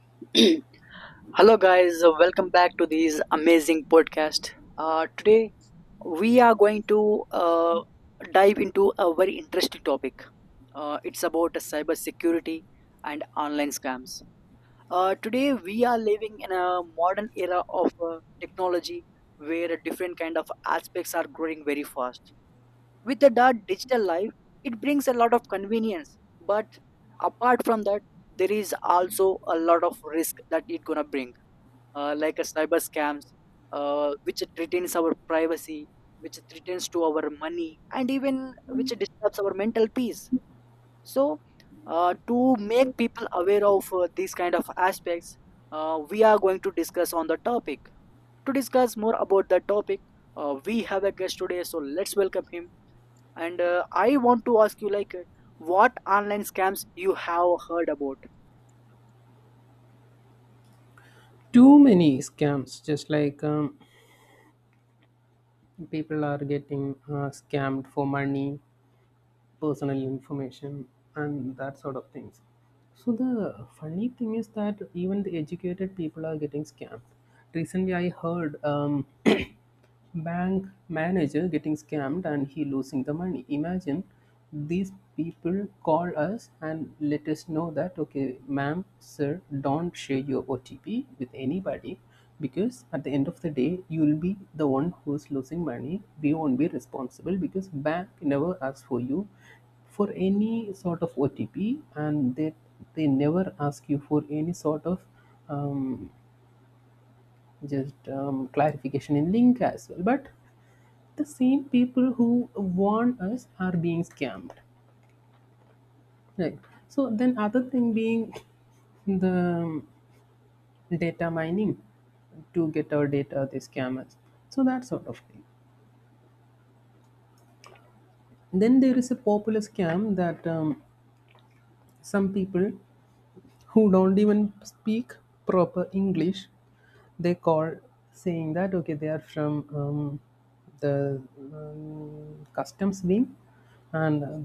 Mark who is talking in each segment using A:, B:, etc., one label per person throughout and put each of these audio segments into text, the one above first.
A: Hello, guys. Welcome back to this amazing podcast. Today, we are going to dive into a very interesting topic. It's about cybersecurity and online scams. Today, we are living in a modern era of technology where different kind of aspects are growing very fast with the digital life. It brings a lot of convenience, but apart from that, there is also a lot of risk that it gonna bring, like a cyber scams, which threatens our privacy, which threatens to our money, and even which disturbs our mental peace. So to make people aware of these kind of aspects, we are going to discuss on the topic. To discuss more about the topic, we have a guest today, so let's welcome him. And I want to ask you, like, what online scams you have heard about?
B: Too many scams, just like people are getting scammed for money, personal information, and that sort of things. So the funny thing is that even the educated people are getting scammed. Recently, I heard bank manager getting scammed and he losing the money. Imagine, these people call us and let us know that, okay ma'am, sir, don't share your OTP with anybody, because at the end of the day you'll be the one who's losing money. We won't be responsible because bank never asks for you for any sort of OTP, and they never ask you for any sort of um, just clarification in link as well. But the same people who warn us are being scammed, right? So then, other thing being the um, data mining, to get our data, they scammers. So that sort of thing. Then there is a popular scam that some people who don't even speak proper English, they call, saying that, okay, they are from um, the customs wing. And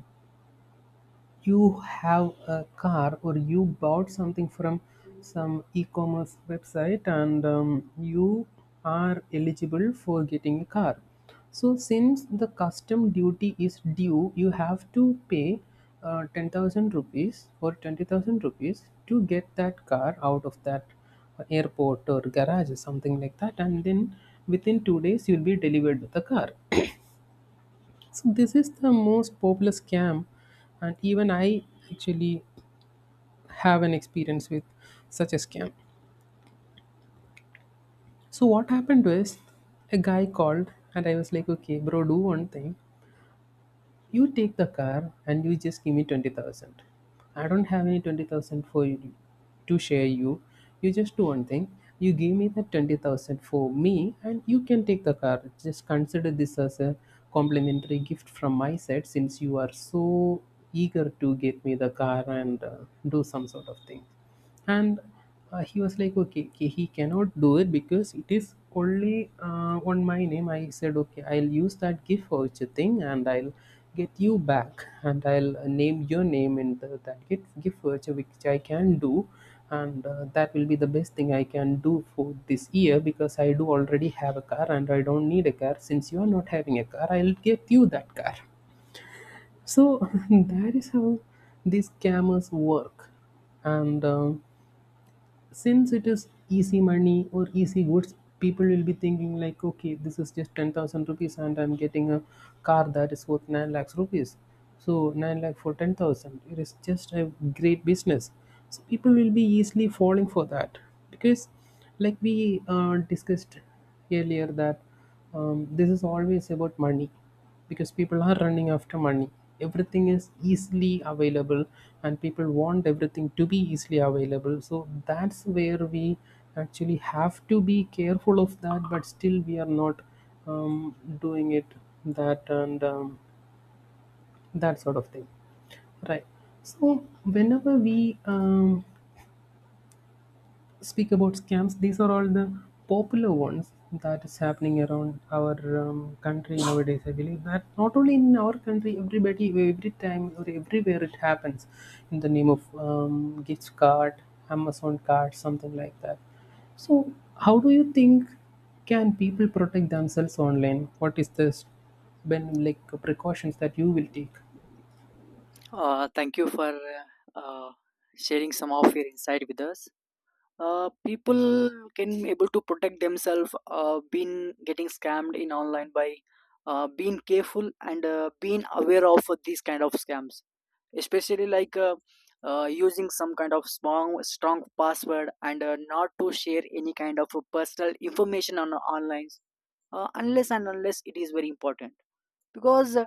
B: you have a car or you bought something from some e-commerce website, and you are eligible for getting a car. So since the custom duty is due, you have to pay 10,000 rupees or 20,000 rupees to get that car out of that airport or garage or something like that, and then within 2 days you'll be delivered with the car. So this is the most popular scam, and even I actually have an experience with such a scam. So what happened was, a guy called and I was like, okay, bro, do one thing. You take the car and you just give me 20,000. I don't have any 20,000 for you to share you. You just do one thing. You give me that 20,000 for me and you can take the car. Just consider this as a complimentary gift from my side, since you are so eager to get me the car, and do some sort of thing. And he was like, okay, okay, he cannot do it because it is only on my name. I said, okay, I'll use that gift voucher thing, and I'll get you back and I'll name your name in that gift voucher, which I can do. And that will be the best thing I can do for this year, because I do already have a car and I don't need a car. Since you are not having a car, I'll get you that car. So that is how these scammers work. And since it is easy money or easy goods, people will be thinking like, okay, this is just 10,000 rupees and I'm getting a car that is worth 9 lakhs rupees. So 9 lakh for 10,000, it is just a great business. So people will be easily falling for that, because, like we discussed earlier, that this is always about money, because people are running after money. Everything is easily available, and people want everything to be easily available. So that's where we actually have to be careful of that, but still we are not doing it, that and that sort of thing, right? So whenever we speak about scams, these are all the popular ones that is happening around our country nowadays. I believe that not only in our country, everybody, every time, or everywhere, it happens in the name of gift card, Amazon card, something like that. So, how do you think can people protect themselves online? What is this? When, like, precautions that you will take?
A: Thank you for uh, uh, sharing some of your insight with us. People can able to protect themselves, been getting scammed in online by being careful and being aware of these kind of scams, especially like using some kind of strong password and not to share any kind of personal information on online, unless and unless it is very important, because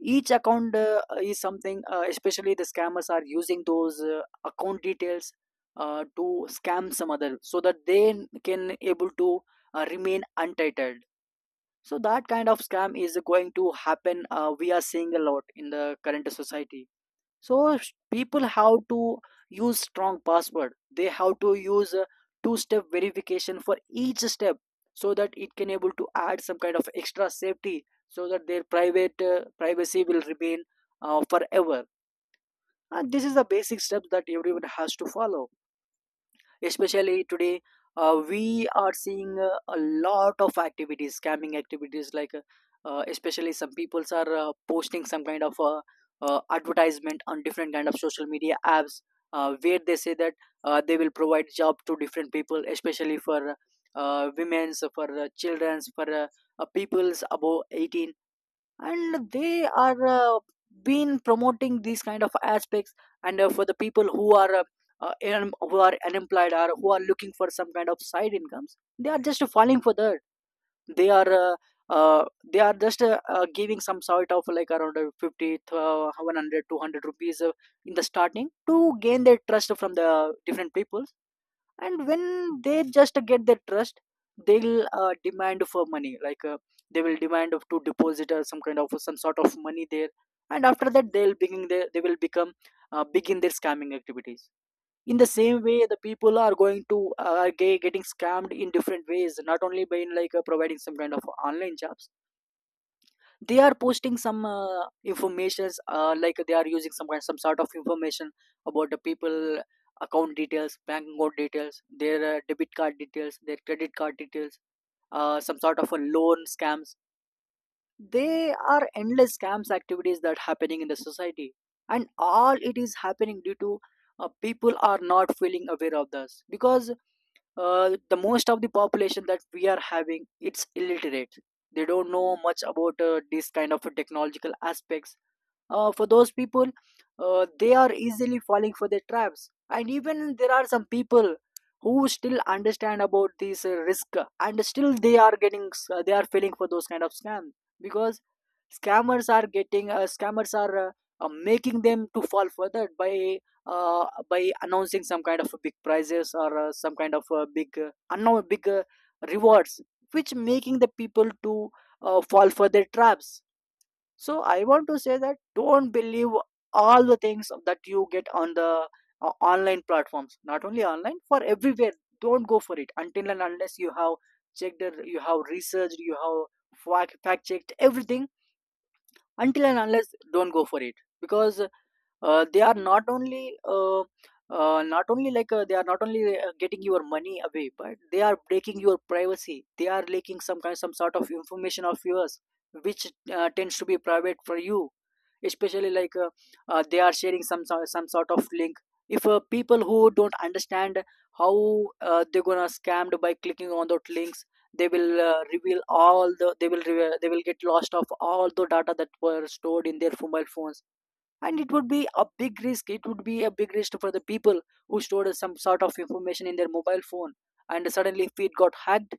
A: each account is something, especially the scammers are using those account details to scam some other, so that they can able to remain untitled. So that kind of scam is going to happen. We are seeing a lot in the current society, so people have to use strong password. They have to use a two step verification for each step, so that it can able to add some kind of extra safety, so that their private privacy will remain forever. And this is the basic steps that everyone has to follow, especially today. Uh, we are seeing a lot of activities scamming activities like especially some peoples are posting some kind of advertisement on different kind of social media apps, where they say that they will provide job to different people, especially for women's, for children's, for peoples above 18. And they are been promoting these kind of aspects. And for the people who are who are unemployed or who are looking for some kind of side incomes, they are just falling for that. They are uh, they are just giving some sort of like around 50 100 rupees in the starting to gain their trust from the different people. And when they just get their trust, they'll demand for money, like they will demand of to deposit some kind of some sort of money there. And after that, they will become begin their scamming activities. In the same way, the people are going to getting scammed in different ways, not only by like providing some kind of online jobs. They are posting some informations, like they are using some sort of information about the people, account details, bank account details, their debit card details, their credit card details, some sort of a loan scams. They are endless scams activities that happening in the society. And all it is happening due to people are not feeling aware of this, because the most of the population that we are having, it's illiterate. They don't know much about this kind of technological aspects. Uh, for those people, they are easily falling for the traps. And even there are some people who still understand about this risk, and still they are falling for those kind of scams, because scammers are making them to fall for that by announcing some kind of big prizes, or some kind of big unknown big rewards, which making the people to fall for their traps. So I want to say that, don't believe all the things that you get on the online platforms. Not only online, for everywhere. Don't go for it until and unless you have you have researched, you have fact checked everything. Until and unless, don't go for it, because they are not only they are not only getting your money away, but they are breaking your privacy, they are leaking some sort of information of yours, which tends to be private for you, especially like they are sharing some sort of link. If people who don't understand how they're gonna scammed by clicking on those links, they will reveal, they will get lost of all the data that were stored in their mobile phones. And it would be a big risk for the people who stored some sort of information in their mobile phone. And suddenly if it got hacked,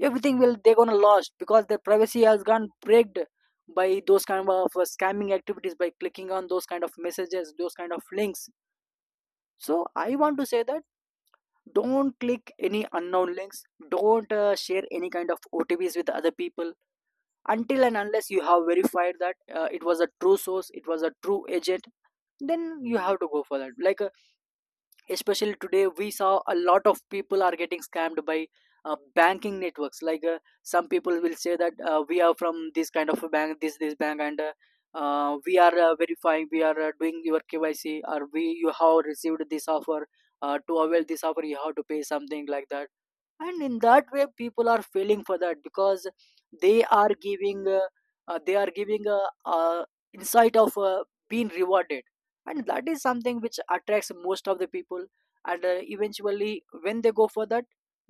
A: everything will they're gonna lost, because their privacy has gone breaked by those kind of scamming activities, by clicking on those kind of messages, those kind of links. So I want to say that, don't click any unknown links. Don't share any kind of otps with other people, until and unless you have verified that it was a true source, it was a true agent. Then you have to go for that, like especially today we saw a lot of people are getting scammed by banking networks, like some people will say that we are from this kind of a bank, this bank, and we are verifying, we are doing your kyc, or we you have received this offer, to avail this offer you have to pay something like that. And in that way people are failing for that, because they are giving uh, they are giving a, insight of being rewarded. And that is something which attracts most of the people. And eventually when they go for that,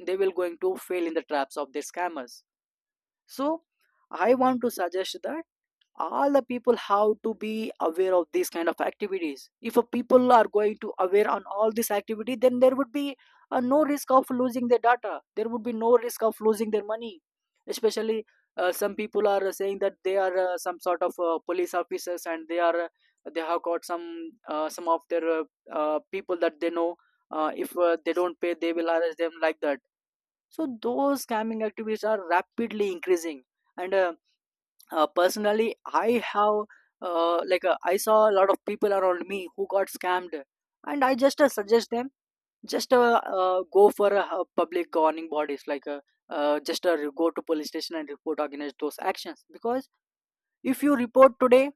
A: they will going to fail in the traps of the scammers. So I want to suggest that, all the people have to be aware of these kind of activities. If a people are going to aware on all this activity, then there would be no risk of losing their data, there would be no risk of losing their money. Especially some people are saying that they are some sort of police officers, and they are they have got some of their people that they know, if they don't pay, they will arrest them like that. So those scamming activities are rapidly increasing. And personally, I have I saw a lot of people around me who got scammed, and I just suggest them, just go for a, public governing bodies, like just go to police station and report against those actions, because if you report today,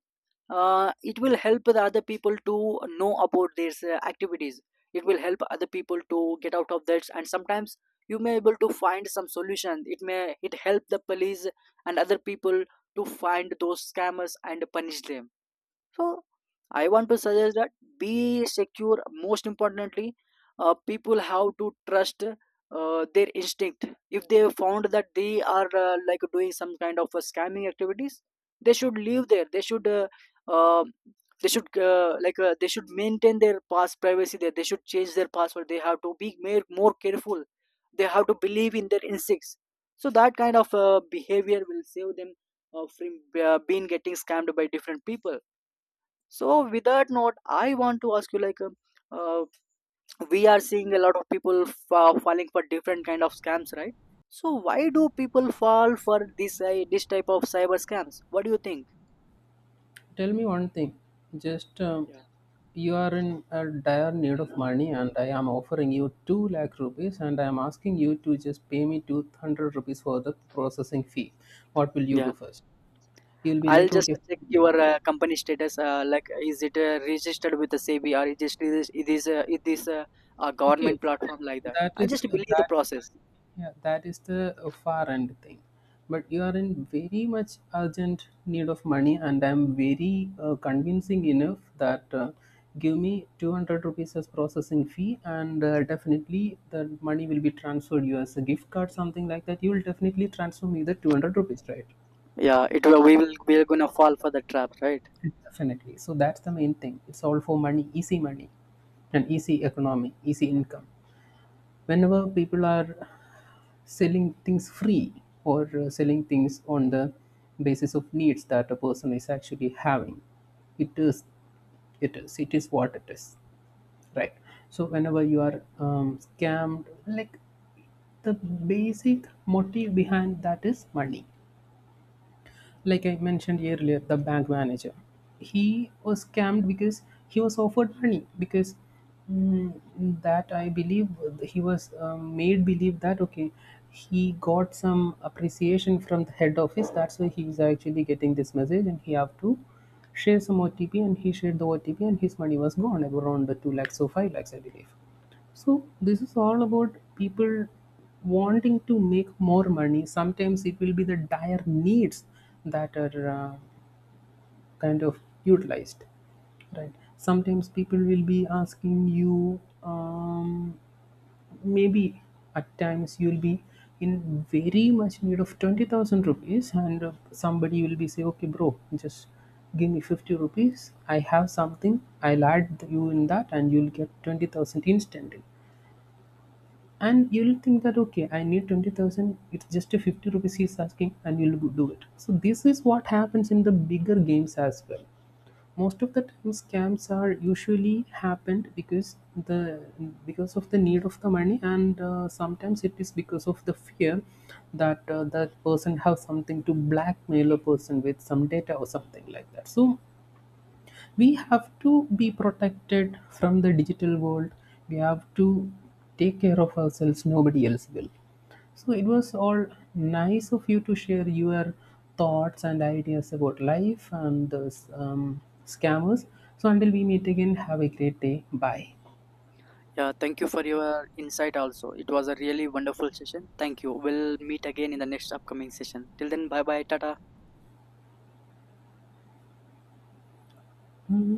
A: it will help the other people to know about these activities, it will help other people to get out of that, and sometimes you may able to find some solution, it may it help the police and other people to find those scammers and punish them. So I want to suggest that, be secure. Most importantly, people have to trust their instinct. If they found that they are like doing some kind of scamming activities, they should leave there, uh, they should like they should maintain their past privacy there, they should change their password, they have to be more careful, they have to believe in their instincts. So that kind of behavior will save them from being getting scammed by different people. So, with that note, I want to ask you, like, uh, we are seeing a lot of people falling for different kind of scams, right? So, why do people fall for this this type of cyber scams? What do you think?
B: Tell me one thing. Just
A: Yeah,
B: you are in a dire need of money, and I am offering you 2 lakh rupees, and I am asking you to just pay me 200 rupees for the processing fee. What will you
A: yeah.
B: do first? You'll be
A: I'll
B: like,
A: just
B: okay,
A: check your company status. Like, is it registered with the SEBI, or it is a
B: okay,
A: government
B: fine.
A: platform like that?
B: That
A: I
B: is
A: just believe the
B: that.
A: process.
B: Yeah, that is the far end thing. But you are in very much urgent need of money, and I'm very convincing enough that give me 200 rupees as processing fee, and definitely the money will be transferred you as a gift card, something like that. You will definitely transfer me the 200 rupees, right?
A: Yeah, we will we are gonna fall for the trap, right?
B: Definitely. So that's the main thing. It's all for money, easy money, and easy economy, easy income. Whenever people are selling things free or selling things on the basis of needs that a person is actually having, it is it is what it is, right? So whenever you are scammed, like, the basic motive behind that is money. Like I mentioned earlier, the bank manager. He was scammed because he was offered money, because, mm, that I believe he was made believe that, okay, he got some appreciation from the head office. That's why he's actually getting this message, and he have to share some OTP, and he shared the OTP, and his money was gone, around the 2 lakhs or 5 lakhs, I believe. So this is all about people wanting to make more money. Sometimes it will be the dire needs that are kind of utilized, right? Sometimes people will be asking you. Maybe at times you'll be in very much need of 20,000 rupees, and somebody will be say, "Okay, bro, just." Give me 50 rupees. I have something. I'll add you in that, and you'll get 20,000 instantly, and you'll think that, okay, I need 20,000. It's just a 50 rupees he's asking, and you'll go do it. So this is what happens in the bigger games as well. Most of the time, scams are usually happened because the because of the need of the money, and sometimes it is because of the fear that that person have something to blackmail a person with some data or something like that. So we have to be protected from the digital world. We have to take care of ourselves, nobody else will. So it was all nice of you to share your thoughts and ideas about life and the um, scammers. So until we meet again, have a great day. Bye.
A: Yeah, thank you for your insight also. It was a really wonderful session. Thank you. We'll meet again in the next upcoming session. Till then, bye bye, tata.